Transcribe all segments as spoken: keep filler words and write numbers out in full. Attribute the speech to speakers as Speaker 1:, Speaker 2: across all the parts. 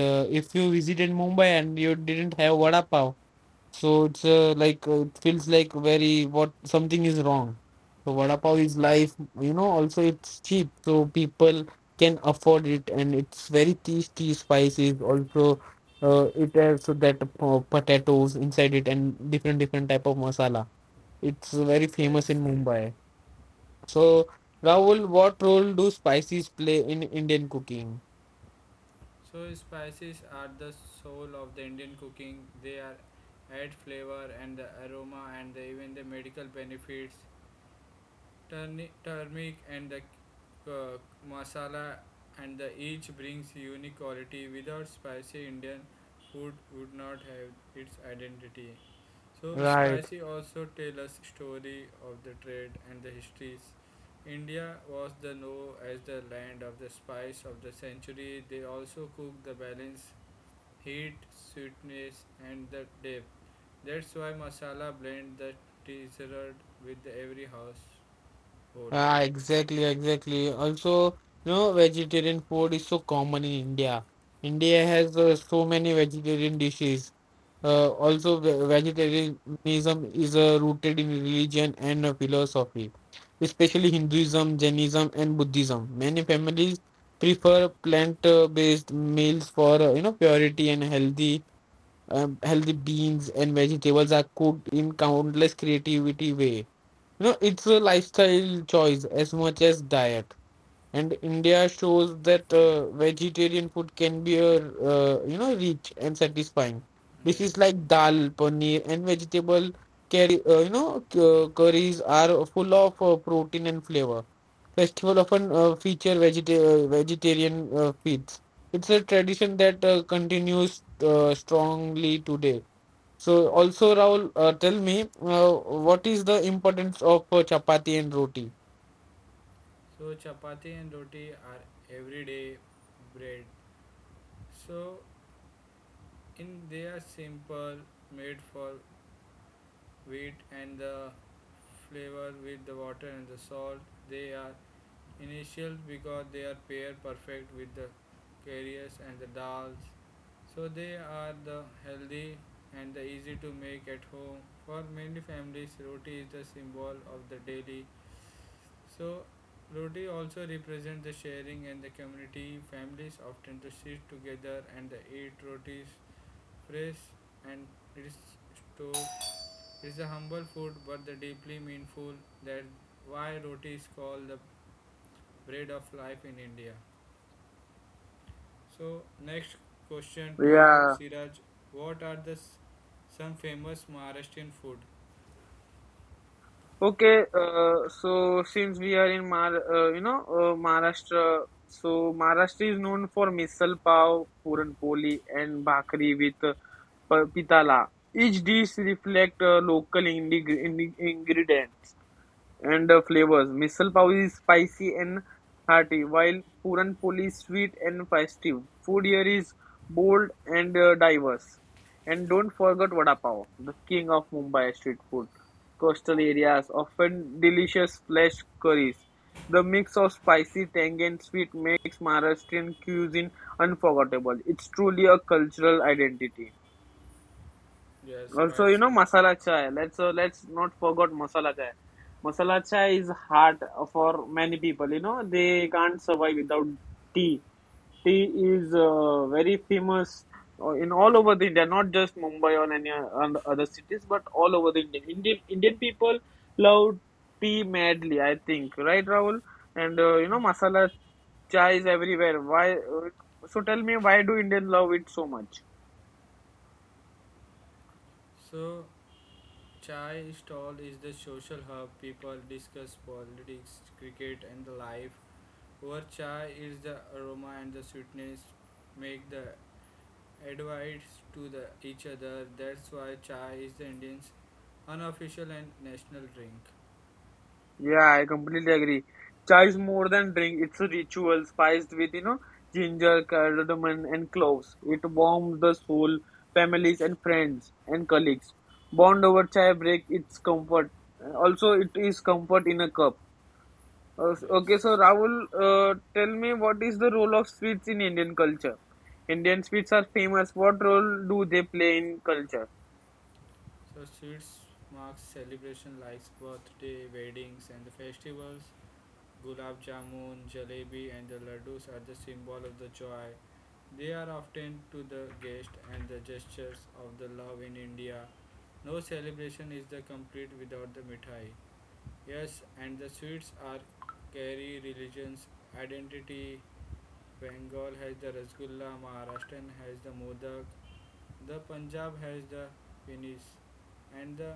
Speaker 1: uh, If you visited Mumbai and you didn't have vada pav, so it's uh, like uh, it feels like very what something is wrong. So vada pav is life, you know. Also, it's cheap, so people can afford it, and it's very tasty, spices. Also, uh, it has that uh, potatoes inside it and different different type of masala. It's very famous
Speaker 2: Yes,
Speaker 1: in Mumbai. So, Rahul, what role do spices play in Indian cooking?
Speaker 2: so spices are the soul of the Indian cooking. They are add flavor and the aroma and the, even the medical benefits Turni- turmeric and the uh, masala and the each brings unique quality without spicy indian food would not have its identity so
Speaker 1: Right.
Speaker 2: spicy also tell us story of the trade and the histories india was the known as the land of the spice of the century they also cook the balance heat sweetness and the depth that's why masala blend the dessert with every household.
Speaker 1: Ah, exactly, exactly. Also, you know, vegetarian food is so common in India. India has uh, so many vegetarian dishes. Uh, also, ve- vegetarianism is uh, rooted in religion and uh, philosophy, especially Hinduism, Jainism, and Buddhism. Many families prefer plant-based meals for uh, you know purity and healthy. Um, healthy beans and vegetables are cooked in countless creativity way. You know, it's a lifestyle choice as much as diet. And India shows that uh, vegetarian food can be a uh, you know rich and satisfying. Dishes
Speaker 2: Yes.
Speaker 1: like dal, paneer, and vegetable curry, uh, you know cu- curries are full of uh, protein and flavor. Festival often uh, feature vegeta- uh, vegetarian uh, feasts. It's a tradition that uh, continues uh, strongly today. So also, Rahul, uh, tell me, uh, what is the importance of uh, chapati and roti?
Speaker 2: So chapati and roti are everyday bread. So in they are simple, made for wheat and the flavor with the water and the salt. They are initial because they are pair perfect with the carriers and the dals. So they are the healthy and the easy to make at home. For many families, roti is the symbol of the daily. So, roti also represents the sharing and the community. Families often to sit together and they eat rotis fresh and it is to it is a humble food but the deeply meaningful that why roti is called the bread of life in India. So next question to you
Speaker 1: Yeah.
Speaker 2: Siraj, what are the s- some famous Maharashtrian food?
Speaker 1: Okay. Uh, so since we are in Mar, uh, you know, uh, Maharashtra, so Maharashtra is known for misal pav, puran poli, and bhakri with uh, pa- pitala. Each dish reflect uh, local ingre- ingre- ingredients and uh, flavors. Misal pav is spicy and hearty, while puran poli is sweet and festive. Food here is bold and uh, diverse. And don't forget vada pav, the king of Mumbai street food. Coastal areas often delicious flesh curries. The mix of spicy, tangy, and sweet makes Maharashtrian cuisine unforgettable. It's truly a cultural identity.
Speaker 2: Yes,
Speaker 1: Also,
Speaker 2: right
Speaker 1: you know,
Speaker 2: Siraj.
Speaker 1: masala chai. Let's uh, let's not forget masala chai. Masala chai is hard for many people. You know, they can't survive without tea. Tea is uh, very famous uh, in all over the India, not just Mumbai or any and other cities, but all over the India. Indian Indian people love tea madly. I think, right, Rahul? And uh, you know, masala chai is everywhere. Why? Uh, so tell me, why do Indian love it so much?
Speaker 2: So Chai stall is the social hub. People discuss politics, cricket, and the life. Over chai is the aroma and the sweetness make the advice to the each other. That's why chai is the Indian's unofficial and national drink.
Speaker 1: Yeah, I completely agree. Chai is more than drink, it's a ritual spiced with, you know, ginger, cardamom, and cloves. It warms the soul, families, and friends and colleagues. Bond over chai break its comfort. Also, it is comfort in a cup. Uh, okay, so Rahul, uh, tell me what is the role of sweets in Indian culture? Indian sweets are famous. What role do they play in culture?
Speaker 2: So sweets marks celebration like birthday, weddings, and the festivals. Gulab jamun, jalebi, and the laddus are the symbol of the joy. They are often to the guest and the gestures of the love in India. No celebration is the complete without the mithai. Yes, and the sweets are carry religions, identity. Bengal has the rasgulla, Maharashtra has the modak, the Punjab has the Vinis, and the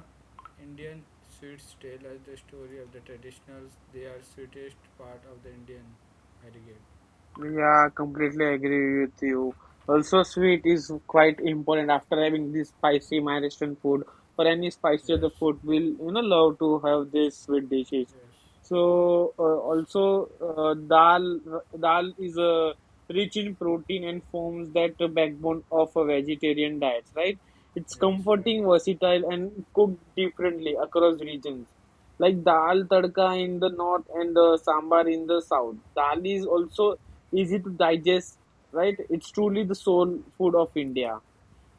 Speaker 2: Indian sweets tell us the story of the traditionals. They are sweetest part of the Indian heritage.
Speaker 1: Yeah, completely agree with you. Also, sweet is quite important after having this spicy Maharashtrian food or any spicy other food. We'll you know love to have these sweet dishes.
Speaker 2: Yes,
Speaker 1: So uh, also uh, dal dal is uh, rich in protein and forms that backbone of a vegetarian diet. Right? It's
Speaker 2: yes, right.
Speaker 1: comforting, versatile, and cooked differently across regions like dal tadka in the north and the sambar in the south. Dal is also easy to digest, right? It's truly the soul food of India.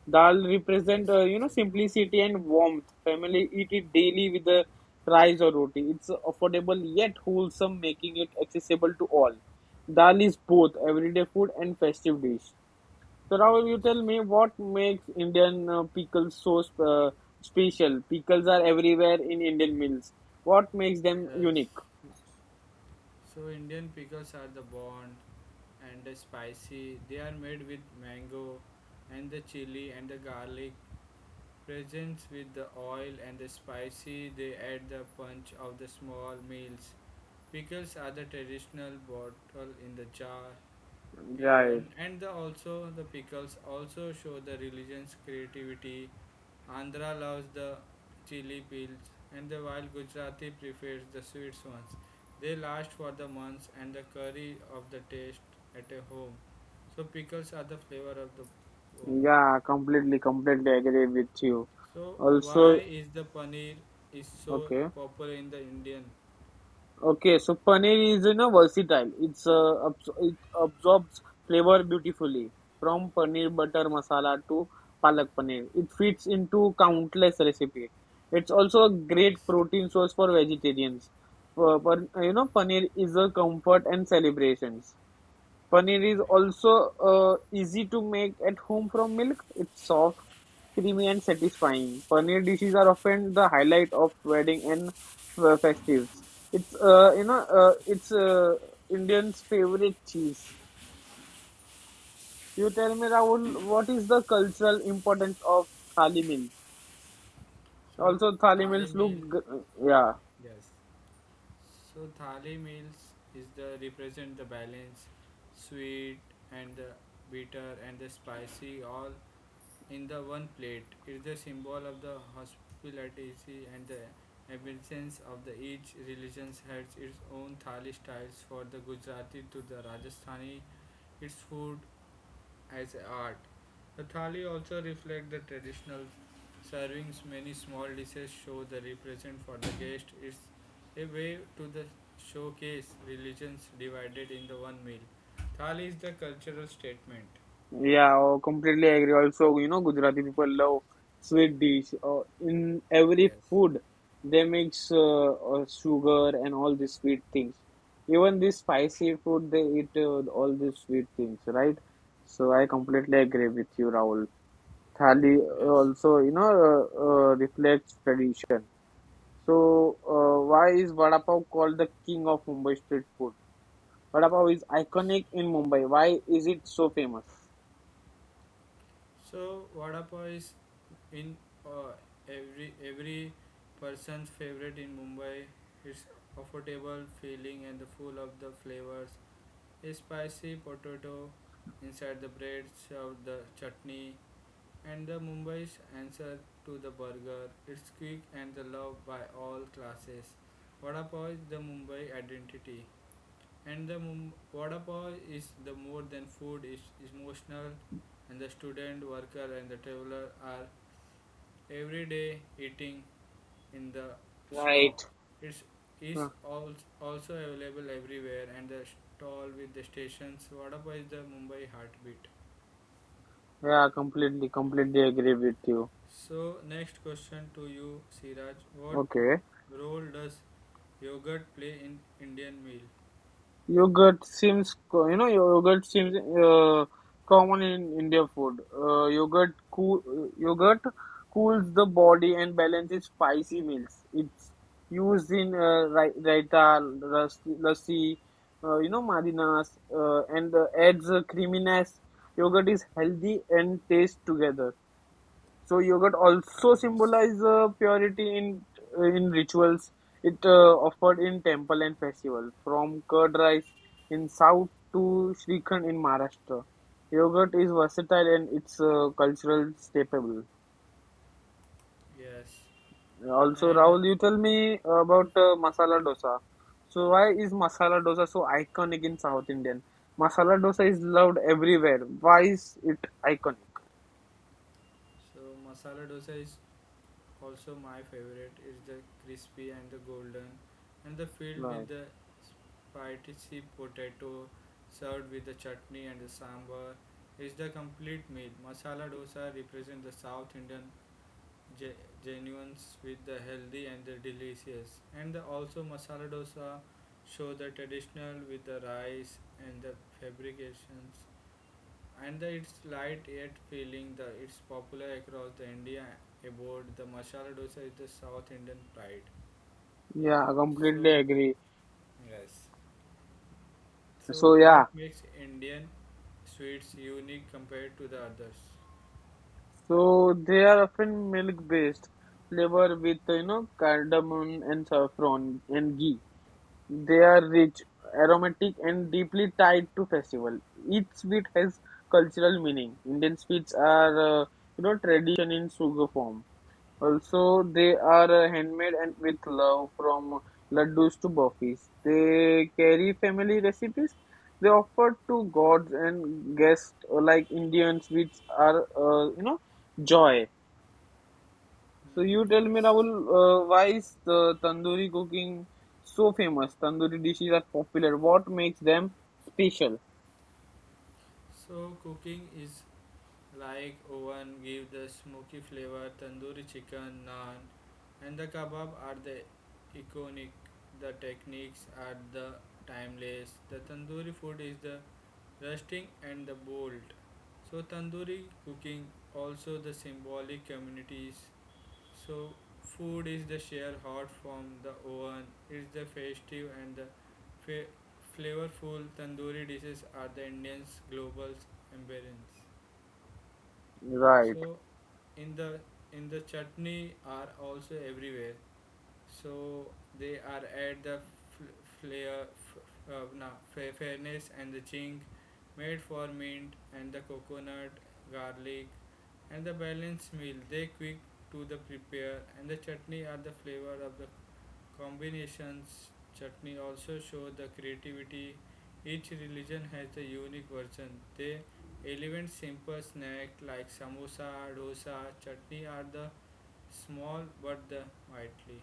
Speaker 1: Dal represent
Speaker 2: Yes,
Speaker 1: uh, you know
Speaker 2: exactly.
Speaker 1: simplicity and warmth. Family eat it daily with the rice or roti. It's affordable yet wholesome, making it accessible to all. Dal is both everyday food and festive dish. So Rahul, you
Speaker 2: Yes,
Speaker 1: tell me what makes Indian uh, pickles so sp- uh, special? Pickles are everywhere in Indian meals. What makes them unique?
Speaker 2: yes. So Indian pickles are the bond and the spicy. They are made with mango and the chili and the garlic. Presents with the oil and the spicy, they add the punch of the small meals. Pickles are the traditional bottle in the jar, peon,
Speaker 1: Right.
Speaker 2: and the also the pickles also show the religion's creativity. Andhra loves the chili peels, and the while Gujarati prefers the sweet ones. They last for the months and the curry of the taste at a home. So pickles are the flavor of the home.
Speaker 1: Yeah, completely, completely agree with you.
Speaker 2: So
Speaker 1: Also,
Speaker 2: why is the paneer is so
Speaker 1: okay,
Speaker 2: popular in the Indian?
Speaker 1: okay. So paneer is you know versatile. It's uh, abs- it absorbs flavor beautifully from paneer butter masala to palak paneer. It fits into countless recipes. It's also a great
Speaker 2: Yes,
Speaker 1: protein source for vegetarians. Uh, but uh, you know, paneer is a comfort and celebrations. Paneer is
Speaker 2: right.
Speaker 1: also uh, easy to make at home from milk. It's soft, creamy, and satisfying. Paneer dishes are often the highlight of wedding and uh, festives. It's uh, you know uh, it's uh, Indians' favorite cheese. You tell me, Rahul, what is the cultural importance of thali meals?
Speaker 2: So
Speaker 1: Also, thali
Speaker 2: thali
Speaker 1: meals look
Speaker 2: meal.
Speaker 1: g- yeah.
Speaker 2: So thali meals is the represent the balance, sweet and the bitter and the spicy all in the one plate. It's the symbol of the hospitality and the absence of the each religion has its own thali styles for the Gujarati to the Rajasthani. Its food as art. The thali also reflects the traditional servings. Many small dishes show the represent for the guest. It's a way to the showcase religions divided in the one meal. Thali is the cultural statement.
Speaker 1: Yeah, oh, completely agree. Also, you know, Gujarati people love sweet dish. Uh, in every food, they mix uh, uh, sugar and all these sweet things. Even this spicy food, they eat uh, all these sweet things, right? So I completely agree with you, Rahul. Thali uh, also, you know, uh, uh, reflects tradition. So uh, why is vada pav called the king of Mumbai street food? Vada pav is iconic in Mumbai. Why is it so famous?
Speaker 2: So vada pav is in uh, every every person's favorite in Mumbai. It's affordable, filling, and full of the flavors. A spicy potato inside the bread served the chutney. And the Mumbai's answer to the burger, it's quick and the loved by all classes. Vada pav is the Mumbai identity. And the Mum- Vada pav is the more than food, it's emotional and the student, worker and the traveler are every day eating in the shop.
Speaker 1: Right.
Speaker 2: It's is al- also available everywhere and the stall with the stations. Vada pav is the Mumbai heartbeat.
Speaker 1: Yeah, completely, completely agree with you.
Speaker 2: So, next question to you, Siraj. What
Speaker 1: Okay.
Speaker 2: role does yogurt play in Indian meal?
Speaker 1: Yogurt seems, co- you know, yogurt seems uh, common in India food. Uh, yogurt cool, yogurt cools the body and balances spicy meals. It's used in uh, rai- raita, ras- lassi, uh, you know, marinas, uh, and uh, adds a creaminess. Yogurt is healthy and tastes together. So yogurt also symbolizes uh, purity in in rituals. It uh, offered in temple and festival. From curd rice in south to Shrikhand in Maharashtra, yogurt is versatile and it's a cultural staple.
Speaker 2: Yes,
Speaker 1: Also,
Speaker 2: and
Speaker 1: Rahul, you tell me about uh, masala dosa. So why is masala dosa so iconic in South Indian? Masala dosa is loved everywhere. Why is it iconic?
Speaker 2: so masala dosa is also my favorite. It's the crispy and the golden, and the filled with
Speaker 1: Right.
Speaker 2: the spicy potato, served with the chutney and the sambar. It's the complete meal. Masala dosa represents the South Indian ge- genuines with the healthy and the delicious. And the also masala dosa show the traditional with the rice and the fabrications. And the, it's light yet feeling the it's popular across the India about the masala dosa is the South Indian pride.
Speaker 1: Yeah, I completely
Speaker 2: So
Speaker 1: agree.
Speaker 2: yes. So
Speaker 1: So yeah,
Speaker 2: what makes Indian sweets unique compared to the others?
Speaker 1: so they are often milk-based flavor with you know cardamom and saffron and ghee. They are rich, aromatic, and deeply tied to festival. Each sweet has cultural meaning. Indian sweets are uh, you know tradition in sugar form. Also, they are uh, handmade and with love from laddus to burfis. They carry family recipes. They offer to gods and guests uh, like Indian sweets are, uh, you know, joy. So you
Speaker 2: Mm,
Speaker 1: tell me,
Speaker 2: yes.
Speaker 1: Rahul, uh, why is the tandoori cooking so famous? Tandoori dishes are popular. What makes them special?
Speaker 2: So cooking is like oven give the smoky flavor, tandoori chicken, naan, and the kebab are the iconic. The techniques are the timeless. The tandoori food is the rusting and the bold. So tandoori cooking also the symbolic communities. So food is the share hot from the oven. It's the festive and the fa- flavorful tandoori dishes are the Indians' global embrace.
Speaker 1: Right.
Speaker 2: So in the in the chutney are also everywhere. So they are at the fl- flair, f- uh, na- fa- fairness and the chink made for mint and the coconut, garlic and the balanced meal. They quick to the prepare and the chutney are the flavor of the Combinations chutney also show the creativity. Each religion has a unique version. They elevate simple snacks like samosa, dosa, chutney are the small but the mighty.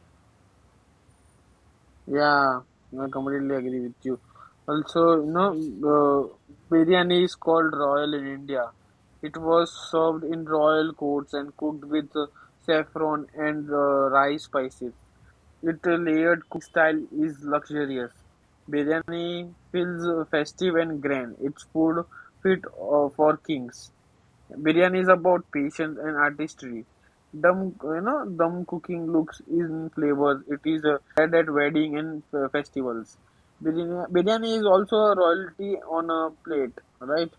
Speaker 1: Yeah, I completely agree with you. Also, you know,
Speaker 2: So
Speaker 1: uh, biryani is
Speaker 2: yes,
Speaker 1: called royal in India. It was served in royal courts and cooked with uh, saffron and uh, rice spices. Its layered style is luxurious. Biryani feels uh, festive and grand. It's food fit uh, for kings. Biryani is about patience and artistry. Dum, you know, Dum cooking looks in flavors. It is uh, at wedding and uh, festivals. Biryani, biryani is also a royalty on a plate, right?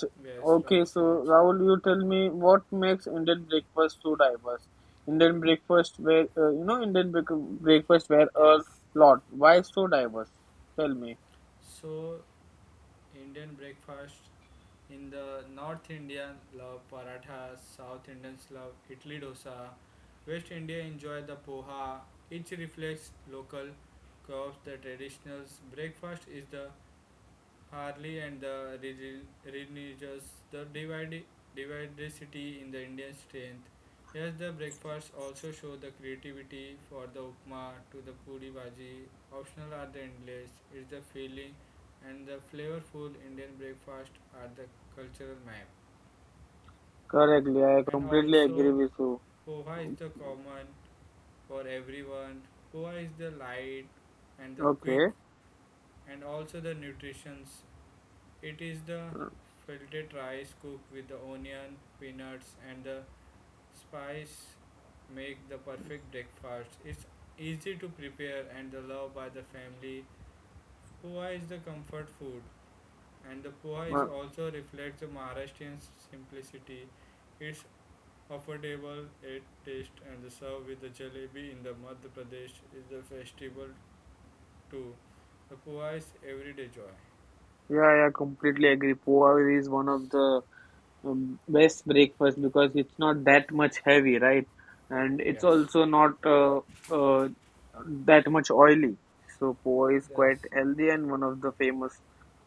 Speaker 1: So
Speaker 2: yes,
Speaker 1: okay,
Speaker 2: right,
Speaker 1: so
Speaker 2: Siraj.
Speaker 1: Rahul, you tell me what makes Indian breakfast so diverse? Indian breakfast where uh, you know Indian break breakfast where a lot. Why so diverse? Tell me.
Speaker 2: So Indian breakfast. In the North Indian love paratha, South Indians love idli dosa, West India enjoy the poha. Each reflects local curves. The traditional breakfast is the Harley and the religious, the divide, diversity in the Indian strength. Yes, the breakfasts also show the creativity for the upma to the puri bhaji. Optional are the endless. It's the feeling and the flavorful Indian breakfast are the cultural map.
Speaker 1: Correctly, I
Speaker 2: And
Speaker 1: completely agree
Speaker 2: also,
Speaker 1: with you.
Speaker 2: poha is the common for everyone. Poha is the light and the quick
Speaker 1: Okay.
Speaker 2: and also the nutritions. It is the filtered rice cooked with the onion, peanuts, and the spice make the perfect breakfast. It's easy to prepare and the love by the family. Poha is the comfort food, and the poha is
Speaker 1: Uh,
Speaker 2: also reflects the Maharashtrian simplicity. It's affordable, it tastes and the serve with the jalebi in the Madhya Pradesh is the festival too. The poha is everyday joy.
Speaker 1: Yeah, yeah, completely agree. Poha is one of the um, best breakfast because it's not that much heavy, right? And it's also not uh, uh, that much oily. So poha is quite healthy and one of the famous.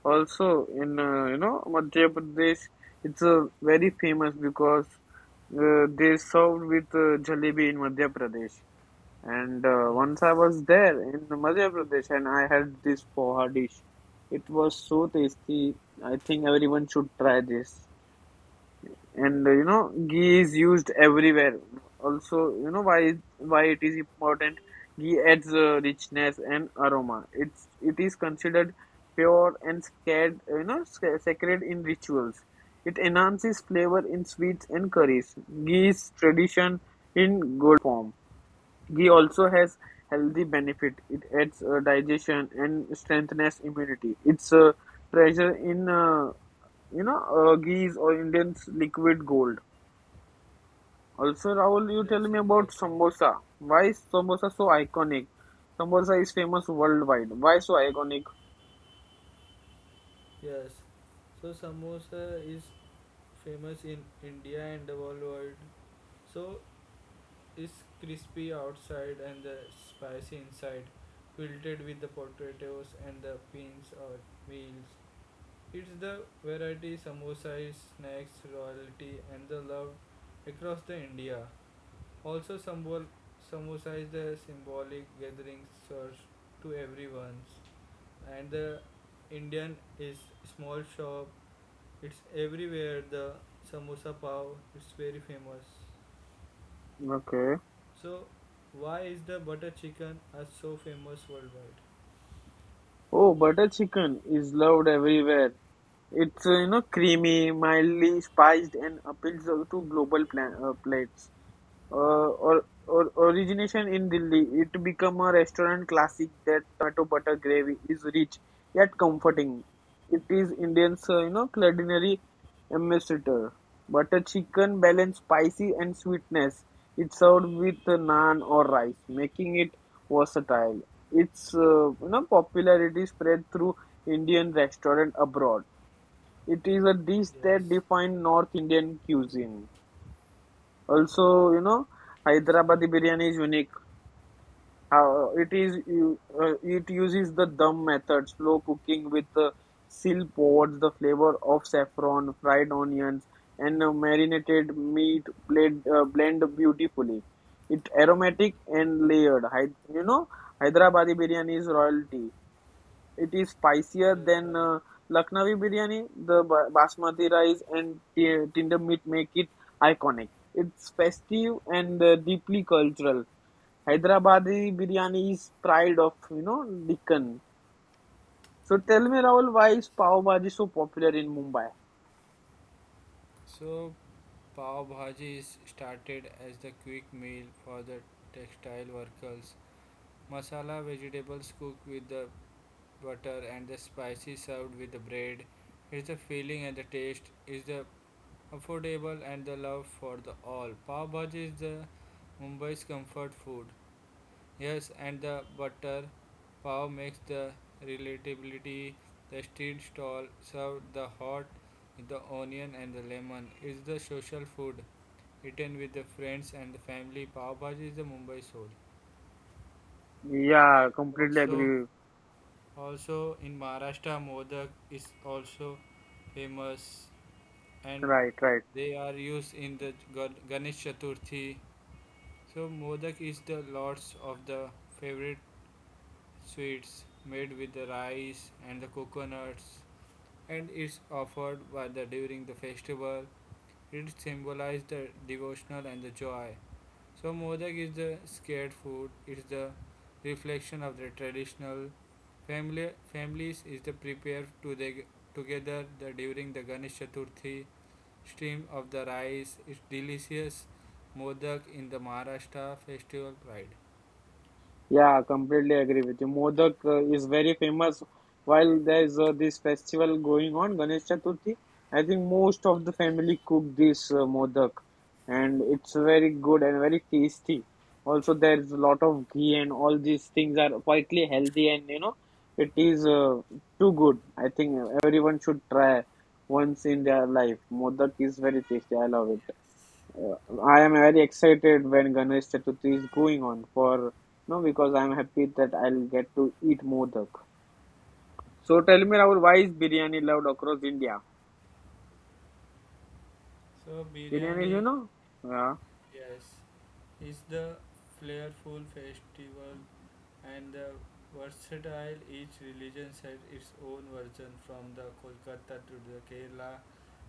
Speaker 1: Also in uh, you know Madhya Pradesh, it's uh, very famous because uh, they served with uh, jalebi in Madhya Pradesh. And uh, once I was there in Madhya Pradesh and I had this poha dish. It was so tasty. I think everyone should try this. And uh, you know, ghee is used everywhere. Also, you know why why it is important? Ghee adds uh, richness and aroma. It's it is considered pure and scared, you know, sc- sacred in rituals. It enhances flavor in sweets and curries. Ghee is tradition in golden form. Ghee also has healthy benefit. It aids uh, digestion and strengthens immunity. It's a treasure in uh, you know uh, ghees or Indian's liquid gold. Also, Rahul, you tell me about samosa. Why is samosa so iconic? Samosa is famous worldwide. Why so iconic?
Speaker 2: Yes. So samosa is famous in India and the world. So it's crispy outside and the spicy inside, wilted with the potatoes and the beans or meals. It's the variety samosas, snacks royalty and the love across the India. Also, symbol samosa is the symbolic gathering served to everyone, and the Indian is small shop it's everywhere. The samosa pav is very famous.
Speaker 1: Okay.
Speaker 2: So, why is the butter chicken are so famous worldwide?
Speaker 1: Oh, butter chicken is loved everywhere. It's uh, you know creamy, mildly spiced, and appeals to global pla- uh, plates. Uh, or, or origination in Delhi, it became a restaurant classic that tomato butter gravy is rich yet comforting. It is Indian's, uh, you know, culinary ambassador. Butter chicken balance spicy and sweetness. It's served with naan or rice, making it versatile. Its uh, you know popularity spread through Indian restaurant abroad. It is a dish that
Speaker 2: Yes,
Speaker 1: defined North Indian cuisine. Also, you know,
Speaker 2: that's right.
Speaker 1: Hyderabadi biryani is unique. How it is, u- uh, it uses the dum method, slow cooking with uh, seal pods, the flavor of saffron, fried onions, and uh, marinated meat blend, uh, blend beautifully. It aromatic and layered. Hy- you know, Hyderabadi biryani is royalty. It is spicier
Speaker 2: That's
Speaker 1: than
Speaker 2: right.
Speaker 1: uh, Lucknowi biryani. The ba- basmati rice and t- tinder meat make it iconic. It's festive and uh, deeply cultural. Hyderabadi biryani is pride of you know Deccan. So tell me, Rahul, why
Speaker 2: Yes,
Speaker 1: is pav bhaji so popular in Mumbai?
Speaker 2: so, pav bhaji is started as the quick meal for the textile workers. Masala vegetables cooked with the butter and the spicy served with the bread. Is the feeling and the taste is the affordable and the love for the all. Pav Bhaji is the Mumbai's comfort food. Yes, and the butter pav makes the relatability. The street stall served the hot with the onion and the lemon. It's the social food eaten with the friends and the family. Pav Bhaji is the Mumbai soul.
Speaker 1: Yeah,
Speaker 2: And
Speaker 1: completely
Speaker 2: also,
Speaker 1: agree.
Speaker 2: also in Maharashtra, modak is also famous, and
Speaker 1: Right, right.
Speaker 2: they are used in the Gan- Ganesh Chaturthi. So modak is the lots of the favorite sweets made with the rice and the coconuts and it's offered by the during the festival. It symbolizes the devotional and the joy. So modak is the scared food. It's the reflection of the traditional family families is the prepared to the together the during the Ganesh Chaturthi stream of the rice is delicious modak in the Maharashtra festival pride.
Speaker 1: Yeah, completely agree with you. Modak uh, is very famous. While there's uh, this festival going on, Ganesh Chaturthi, I think most of the family cook this uh, modak, and it's very good and very tasty. Also, there's a lot of ghee, and all these things are quietly healthy, and you know, it is uh, too good. I think everyone should try once in their life. Modak is very tasty. I love it. Uh, I am very excited when Ganesh Chaturthi is going on for no because I am happy that I'll get to eat modak. So tell me, Rahul, why is biryani loved across India?
Speaker 2: So
Speaker 1: Biryani,
Speaker 2: biryani,
Speaker 1: you know? Yeah,
Speaker 2: yes, is the flavorful festival and the versatile. Each religion has its own version from the Kolkata to the Kerala.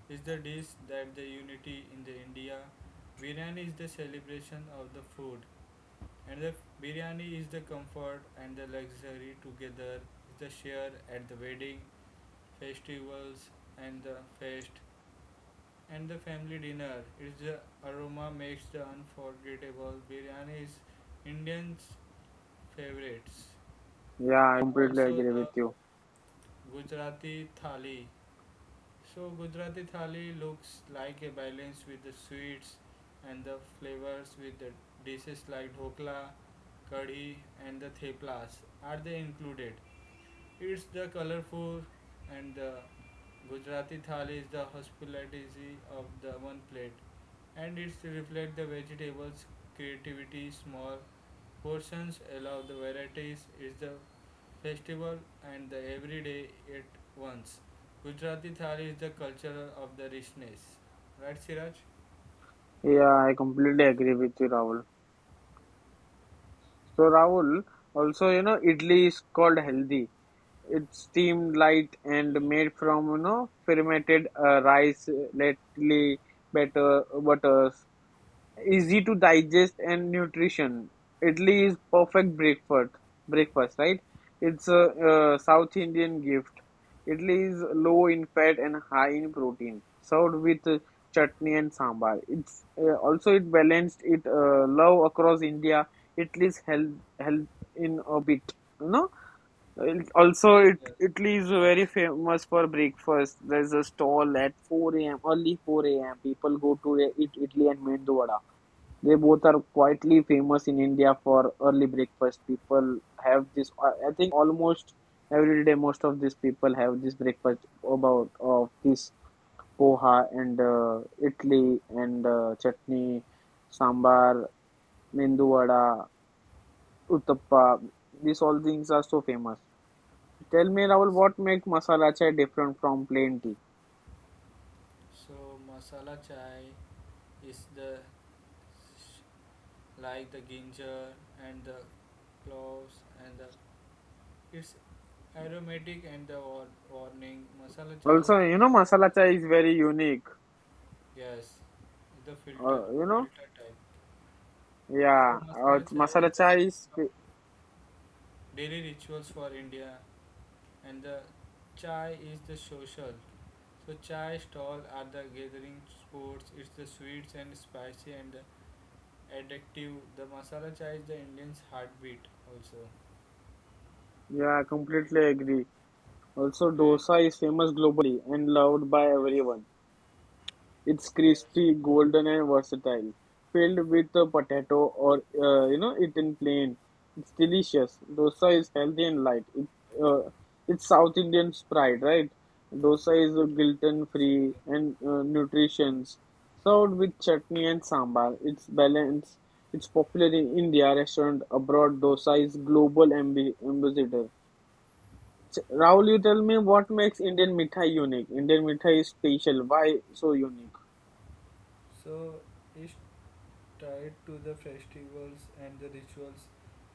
Speaker 2: Is the dish that the unity in the India. Biryani is the celebration of the food, and the biryani is the comfort and the luxury together. Is the share at the wedding, festivals, and the fest. And the family dinner. Its aroma makes the unforgettable. Biryani is Indians' favorites,
Speaker 1: yeah, I
Speaker 2: and
Speaker 1: completely
Speaker 2: also
Speaker 1: agree with
Speaker 2: the
Speaker 1: you.
Speaker 2: Gujarati thali. So Gujarati thali looks like a balance with the sweets and the flavors with the dishes like dhokla, kadhi, and the theplas. Are they included? It's the colorful and the Gujarati thali is the hospitality of the one plate. And it reflects the vegetables creativity small portions allow the varieties is the festival and the everyday at once. Gujarati thali is the culture of the richness, right Siraj?
Speaker 1: Yeah, I completely agree with you, Rahul. So Rahul, also you know, idli is called healthy. It's steamed light and made from you know fermented uh, rice, uh, lately better butters easy to digest and nutrition. Idli is perfect breakfast. Breakfast, right? It's a, uh South Indian gift. Idli is low in fat and high in protein, served with uh, chutney and sambar. It's uh, also it balanced it uh, love across India. Idli's health Health in a bit. You know, It- also it Italy is very famous for breakfast. There's a stall at four a m early four a m. People go to e-, eat Italy and mendu vada. They both are quietly famous in India for early breakfast. People have this. I think almost every day, most of these people have this breakfast about of this poha and uh, idli and uh, chutney, sambar, mendu vada, uttappa. These all things are so famous. Tell me, Rahul,
Speaker 2: Yes.
Speaker 1: what makes masala chai different from plain tea?
Speaker 2: So masala chai is the like the ginger and the cloves and the it's aromatic and the or, warning masala chai is
Speaker 1: Also,
Speaker 2: the
Speaker 1: you know, masala
Speaker 2: comfort
Speaker 1: chai is very unique.
Speaker 2: and- yes, the filter
Speaker 1: Uh, you know,
Speaker 2: filter type. So
Speaker 1: yeah, uh,
Speaker 2: masala chai is
Speaker 1: masala
Speaker 2: the
Speaker 1: chai is.
Speaker 2: daily rituals for India, and the chai is the social. So chai stall are the gathering spots. It's the sweets and spicy and the addictive. The masala chai is the Indian's heartbeat also.
Speaker 1: Yeah, I completely agree. Also,
Speaker 2: And
Speaker 1: dosa is famous globally and loved by everyone. It's
Speaker 2: yes,
Speaker 1: crispy, golden, and versatile. Filled with a potato or uh, you know, eaten plain. It's delicious. Dosa is healthy and light. It, uh, it's South Indian pride, right? Dosa is gluten-free and uh, nutritious. Served with chutney and sambar. It's balanced. It's popular in India restaurant abroad. Dosa is global ambi ambassador. So, Rahul, you tell me, what makes Indian mithai unique? Indian mithai is special. Why so unique?
Speaker 2: so it's tied to the festivals and the rituals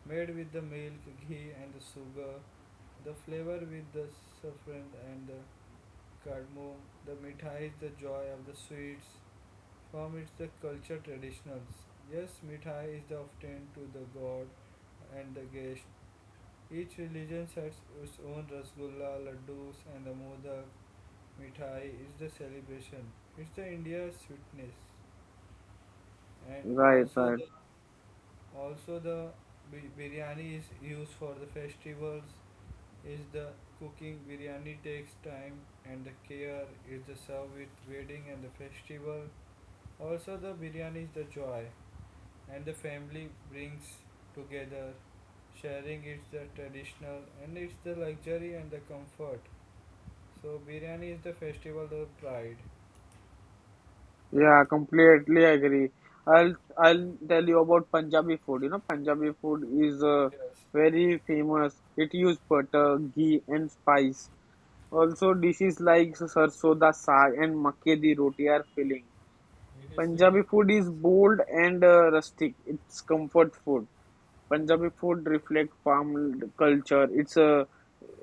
Speaker 2: made with the milk, ghee and the sugar, the flavor with the saffron and the Kadmo, the mithai is the joy of the sweets. From its the culture traditionals. Yes, mithai is the often to the god and the guest. Each religion has its own rasgulla, laddus, and the modak. Mithai is the celebration. It's the India's sweetness, and
Speaker 1: Right,
Speaker 2: also
Speaker 1: right.
Speaker 2: the also the bi- biryani is used for the festivals. Is the cooking biryani takes time and the care. Is the served with wedding and the festival. Also, the biryani is the joy, and the family brings together, sharing it's the traditional, and it's the luxury and the comfort. So, biryani is the festival of pride.
Speaker 1: Yeah, completely agree. I'll I'll tell you about Punjabi food. You know, Punjabi food is uh,
Speaker 2: Yes.
Speaker 1: very famous. It use butter, ghee, and spice. Also, dishes like sarson da saag and makke di roti are filling. Punjabi food is bold and uh, rustic. It's comfort food. Punjabi food reflects farm culture. It's uh,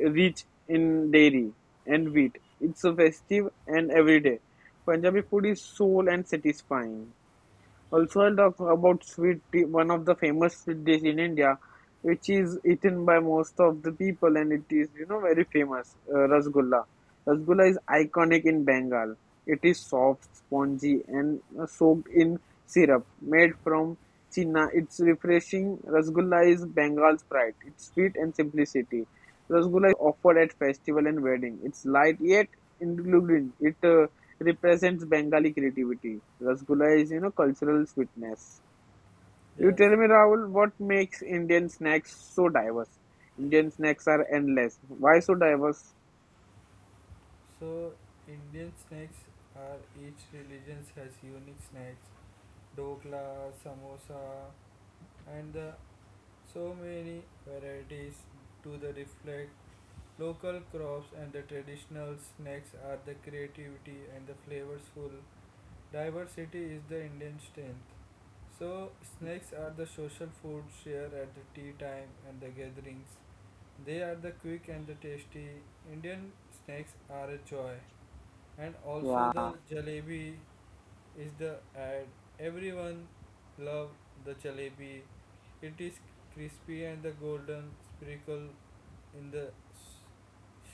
Speaker 1: rich in dairy and wheat. It's uh, festive and everyday. Punjabi food is soul and satisfying. Also, I'll talk about sweet tea, one of the famous sweet dish in India, which is eaten by most of the people, and it is, you know, very famous, uh, Rasgulla. Rasgulla is iconic in Bengal. It is soft, spongy, and uh, soaked in syrup. Made from China, it's refreshing. Rasgulla is Bengal's pride. It's sweet and simplicity. Rasgulla is offered at festival and wedding. It's light yet including it. Uh, represents Bengali creativity. Rasgulla is, you know, cultural sweetness. You
Speaker 2: Yes.
Speaker 1: tell me, Rahul, what makes Indian snacks so diverse? Indian snacks are endless. Why so diverse?
Speaker 2: So, Indian snacks are each religion has unique snacks, dokla, samosa, and the so many varieties to the reflect local crops and the traditional snacks are the creativity and the flavorful. Diversity is the Indian strength. So, snakes are the social food shared at the tea time and the gatherings. They are the quick and the tasty. Indian snakes are a joy. And also
Speaker 1: Yeah,
Speaker 2: the jalebi is the ad. Everyone love the jalebi. It is crispy and the golden sprinkle in the s-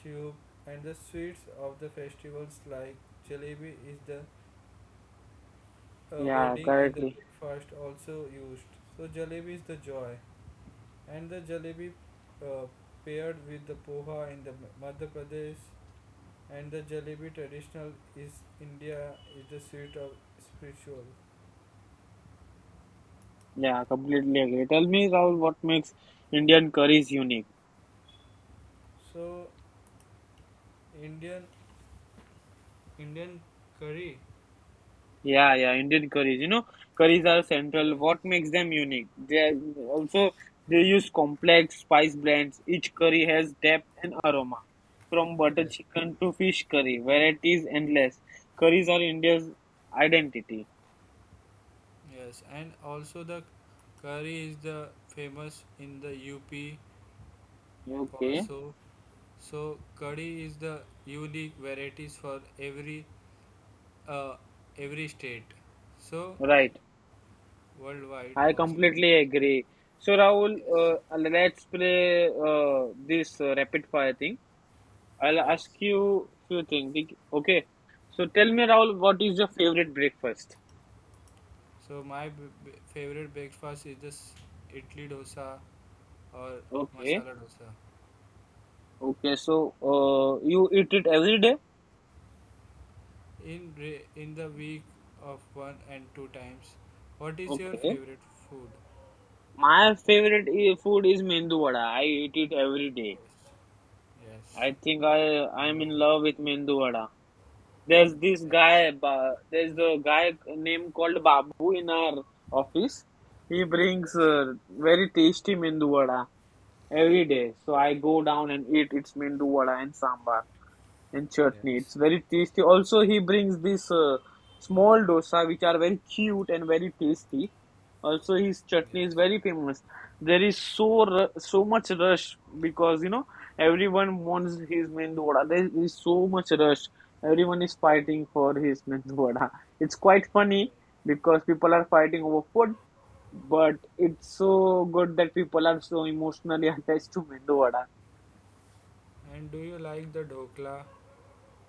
Speaker 2: soup and the sweets of the festivals like jalebi is the uh,
Speaker 1: yeah,
Speaker 2: wedding and the
Speaker 1: correctly.
Speaker 2: breakfast also used. So jalebi is the joy, and the jalebi uh, paired with the poha in the M- Madhya Pradesh, and the jalebi traditional is India is the sweet of spiritual.
Speaker 1: Yeah, completely agree. Tell me, Rahul, what makes Indian curries unique?
Speaker 2: So Indian Indian curry,
Speaker 1: Yeah, yeah, Indian curries. You know, curries are central. What makes them unique? They are also they use complex spice blends. Each curry has depth and aroma, from butter chicken to fish curry. Varieties endless. Curries are India's identity.
Speaker 2: yes, and also the curry is the famous in the U P
Speaker 1: Okay,
Speaker 2: also. So curry is the unique varieties for every uh, every state. So
Speaker 1: right.
Speaker 2: worldwide
Speaker 1: I
Speaker 2: also.
Speaker 1: completely agree. So Rahul,
Speaker 2: Yes.
Speaker 1: uh, let's play uh, this uh, rapid fire thing. I'll ask
Speaker 2: Yes.
Speaker 1: you few things. Okay. So tell me, Rahul, what is your favorite breakfast?
Speaker 2: So my b- b- favorite breakfast is this idli dosa or
Speaker 1: Okay.
Speaker 2: masala dosa.
Speaker 1: Okay, so uh, you eat it every day?
Speaker 2: In re- in the week of one and two times. What is your
Speaker 1: Okay.
Speaker 2: favorite food?
Speaker 1: My favorite i- food is mendu vada. I eat it every day. I
Speaker 2: Yes.
Speaker 1: think I I'm in love with mendu vada. There's this
Speaker 2: Yes.
Speaker 1: guy, Ba- there's a guy named called Babu in our office. He brings uh, very tasty mendu vada every day. So I go down and eat its mendu vada and sambar and chutney. It's very tasty. Also, he brings this uh, small dosa which are very cute and very tasty. Also, his chutney is very famous. There is so so much rush because you know everyone wants his mendu vada. There is so much rush. Everyone is fighting for his mendu vada. It's quite funny because people are fighting over food, but it's so good that people are so emotionally attached to mendu vada.
Speaker 2: And do you like the dhokla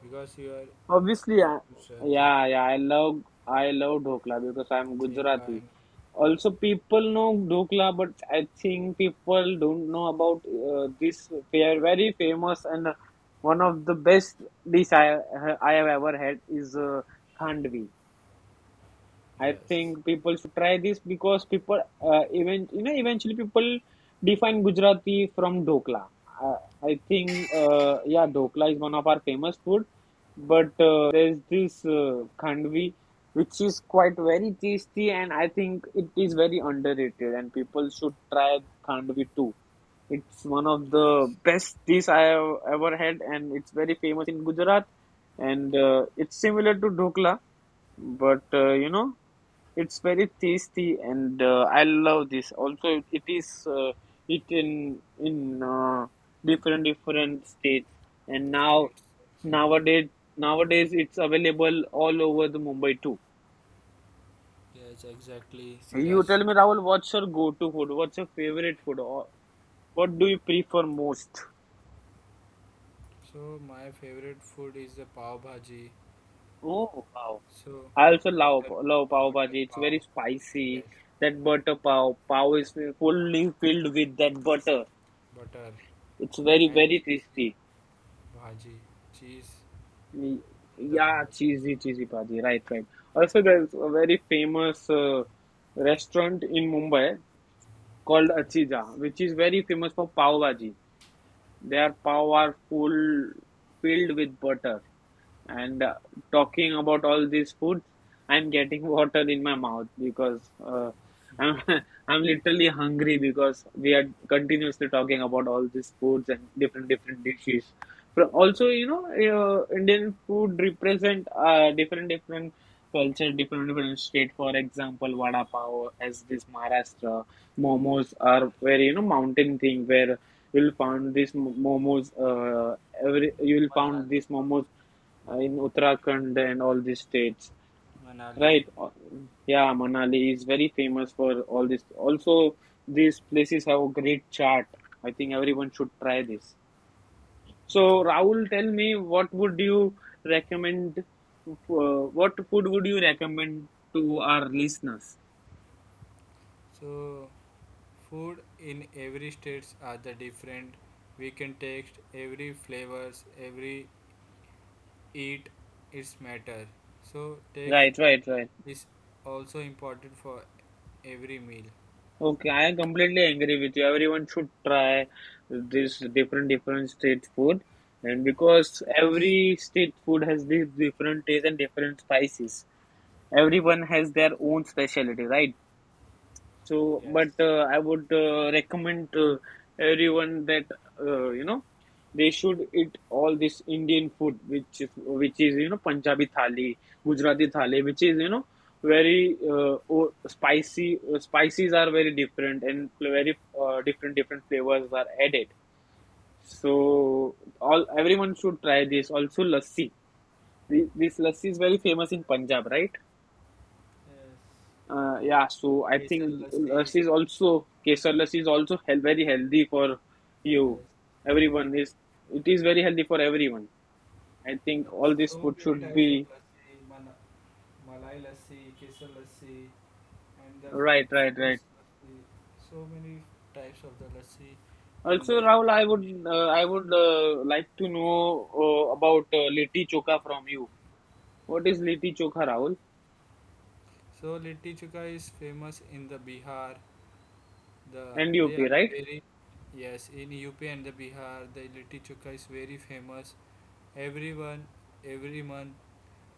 Speaker 2: because you are
Speaker 1: Obviously,
Speaker 2: in
Speaker 1: I,
Speaker 2: Gujarati,
Speaker 1: yeah, yeah, I love I love Dhokla because I'm
Speaker 2: thepla
Speaker 1: Gujarati.
Speaker 2: and
Speaker 1: Also, people know Dhokla, but I think people don't know about uh, this fair, very famous and uh, one of the best dish I I have ever had is uh, Khandvi. I think people should try this because people uh, even you know eventually people define Gujarati from Dokla. I, I think uh, yeah, Dokla is one of our famous food, but uh, there's this uh, khandvi which is quite very tasty and I think it is very underrated and people should try khandvi too. It's one of the best dish I have ever had and it's very famous in Gujarat and uh, it's similar to Dokla, but uh, you know. It's very tasty, and uh, I love this. Also, it is uh, eaten in uh, different different states, and now
Speaker 2: states.
Speaker 1: nowadays nowadays it's available all over the Mumbai too. You tell me, Rahul, what's your go-to food? What's your favorite food? Or what do you prefer most?
Speaker 2: So my favorite food is the pav bhaji.
Speaker 1: Oh wow!
Speaker 2: So
Speaker 1: I also love
Speaker 2: butter,
Speaker 1: love pav
Speaker 2: butter
Speaker 1: bhaji. It's
Speaker 2: pav,
Speaker 1: very spicy.
Speaker 2: yes,
Speaker 1: That butter pav pav is fully filled with that butter.
Speaker 2: butter
Speaker 1: It's very
Speaker 2: and
Speaker 1: very
Speaker 2: cheese
Speaker 1: tasty.
Speaker 2: bhaji, cheese
Speaker 1: Y-
Speaker 2: in the
Speaker 1: Yeah,
Speaker 2: bhaji.
Speaker 1: cheesy, cheesy bhaji. Right, right. Also, there's a very famous uh, restaurant in Mumbai called Achija, which is very famous for pav bhaji. Their pav are full filled with butter. And uh, talking about all these foods, I'm getting water in my mouth because uh, I'm I'm literally hungry because we are continuously talking about all these foods and different different dishes. From also, you know, uh, Indian food represent uh, different different culture, different different state. For example, vada pav as this Maharashtra, momos are very you know mountain thing where you'll find these mo- momos. Uh, every You'll
Speaker 2: Mana-
Speaker 1: find these momos uh, in Uttarakhand and all these states,
Speaker 2: Manali.
Speaker 1: right? Uh, Yeah, Manali is very famous for all this. Also, these places have a great chart. I think everyone should try this. So, Rahul, tell me, what would you recommend? Uh, what food would you recommend to our listeners?
Speaker 2: So food in every states are the different. We can taste every flavors, every eat its matter. So
Speaker 1: Right,
Speaker 2: taste
Speaker 1: right, right.
Speaker 2: is also important for every meal.
Speaker 1: Okay, I completely agree with you. Everyone should try this different different street food, and because
Speaker 2: Yes.
Speaker 1: every street food has this different taste and different spices, everyone has their own specialty, right? So, but uh, I would uh, recommend uh, everyone that uh, you know they should eat all this Indian food, which is which is you know Punjabi thali, Gujarati thali, which is you know very uh, o- spicy. Uh, spices are very different and very uh, different different flavors are added. So all everyone should try this. Also lassi. Thi- This lassi is very famous in Punjab, right?
Speaker 2: Yes.
Speaker 1: Uh, yeah, so I
Speaker 2: Kesar
Speaker 1: think
Speaker 2: lassi.
Speaker 1: lassi is also kesar lassi is also hel very healthy for you.
Speaker 2: Yes.
Speaker 1: Everyone is it is very healthy for everyone. I think all
Speaker 2: Yes.
Speaker 1: this
Speaker 2: So
Speaker 1: food
Speaker 2: many
Speaker 1: should
Speaker 2: types of
Speaker 1: be
Speaker 2: lassi. Mana Malai lassi, kesar lassi, and the
Speaker 1: right, right, right.
Speaker 2: fruits lassi. So many types of the lassi in
Speaker 1: Also,
Speaker 2: the
Speaker 1: Rahul, I
Speaker 2: India.
Speaker 1: would uh, I would uh, like to know uh, about uh, litti chokha from you. What is litti chokha, Rahul?
Speaker 2: So litti chuka is famous in the Bihar. The
Speaker 1: And
Speaker 2: they are
Speaker 1: right?
Speaker 2: very yes in U P and the Bihar. The litti chuka is very famous. Everyone every month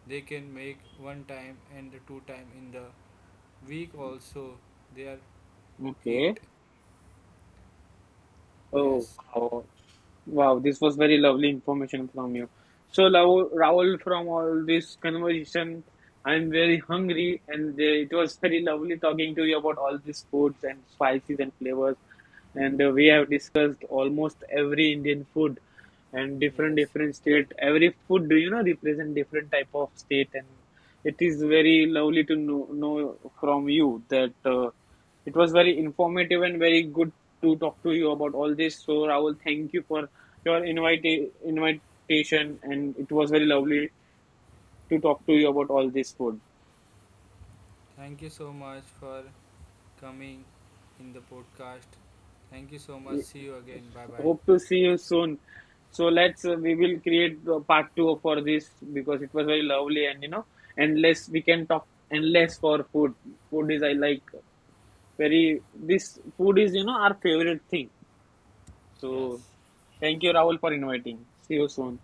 Speaker 2: they can make one time and the two time in the week also they are
Speaker 1: Okay.
Speaker 2: eat.
Speaker 1: Oh,
Speaker 2: Yes,
Speaker 1: wow. Wow, this was very lovely information from you. So, Lau- Raul, from all this conversation, I'm very hungry, and uh, it was very lovely talking to you about all these foods and spices and flavors. And uh, we have discussed almost every Indian food and different
Speaker 2: yes,
Speaker 1: different state.
Speaker 2: exactly.
Speaker 1: Every food, do you know, represent different type of state, and it is very lovely to know, know from you that. Uh, it was very informative and very good to talk to you about all this. So, Rahul, thank you for your invita- invitation, and it was very lovely to talk to you about all this food.
Speaker 2: Thank you so much for coming in the podcast. Thank you so much.
Speaker 1: Y-
Speaker 2: See you again. Bye
Speaker 1: Hope
Speaker 2: bye.
Speaker 1: to see you soon. So let's uh, we will create the part two for this because it was very lovely and you know endless we can talk endless for food. Food is I like very this food is you know our favorite thing. So thank you Rahul for inviting. See you soon.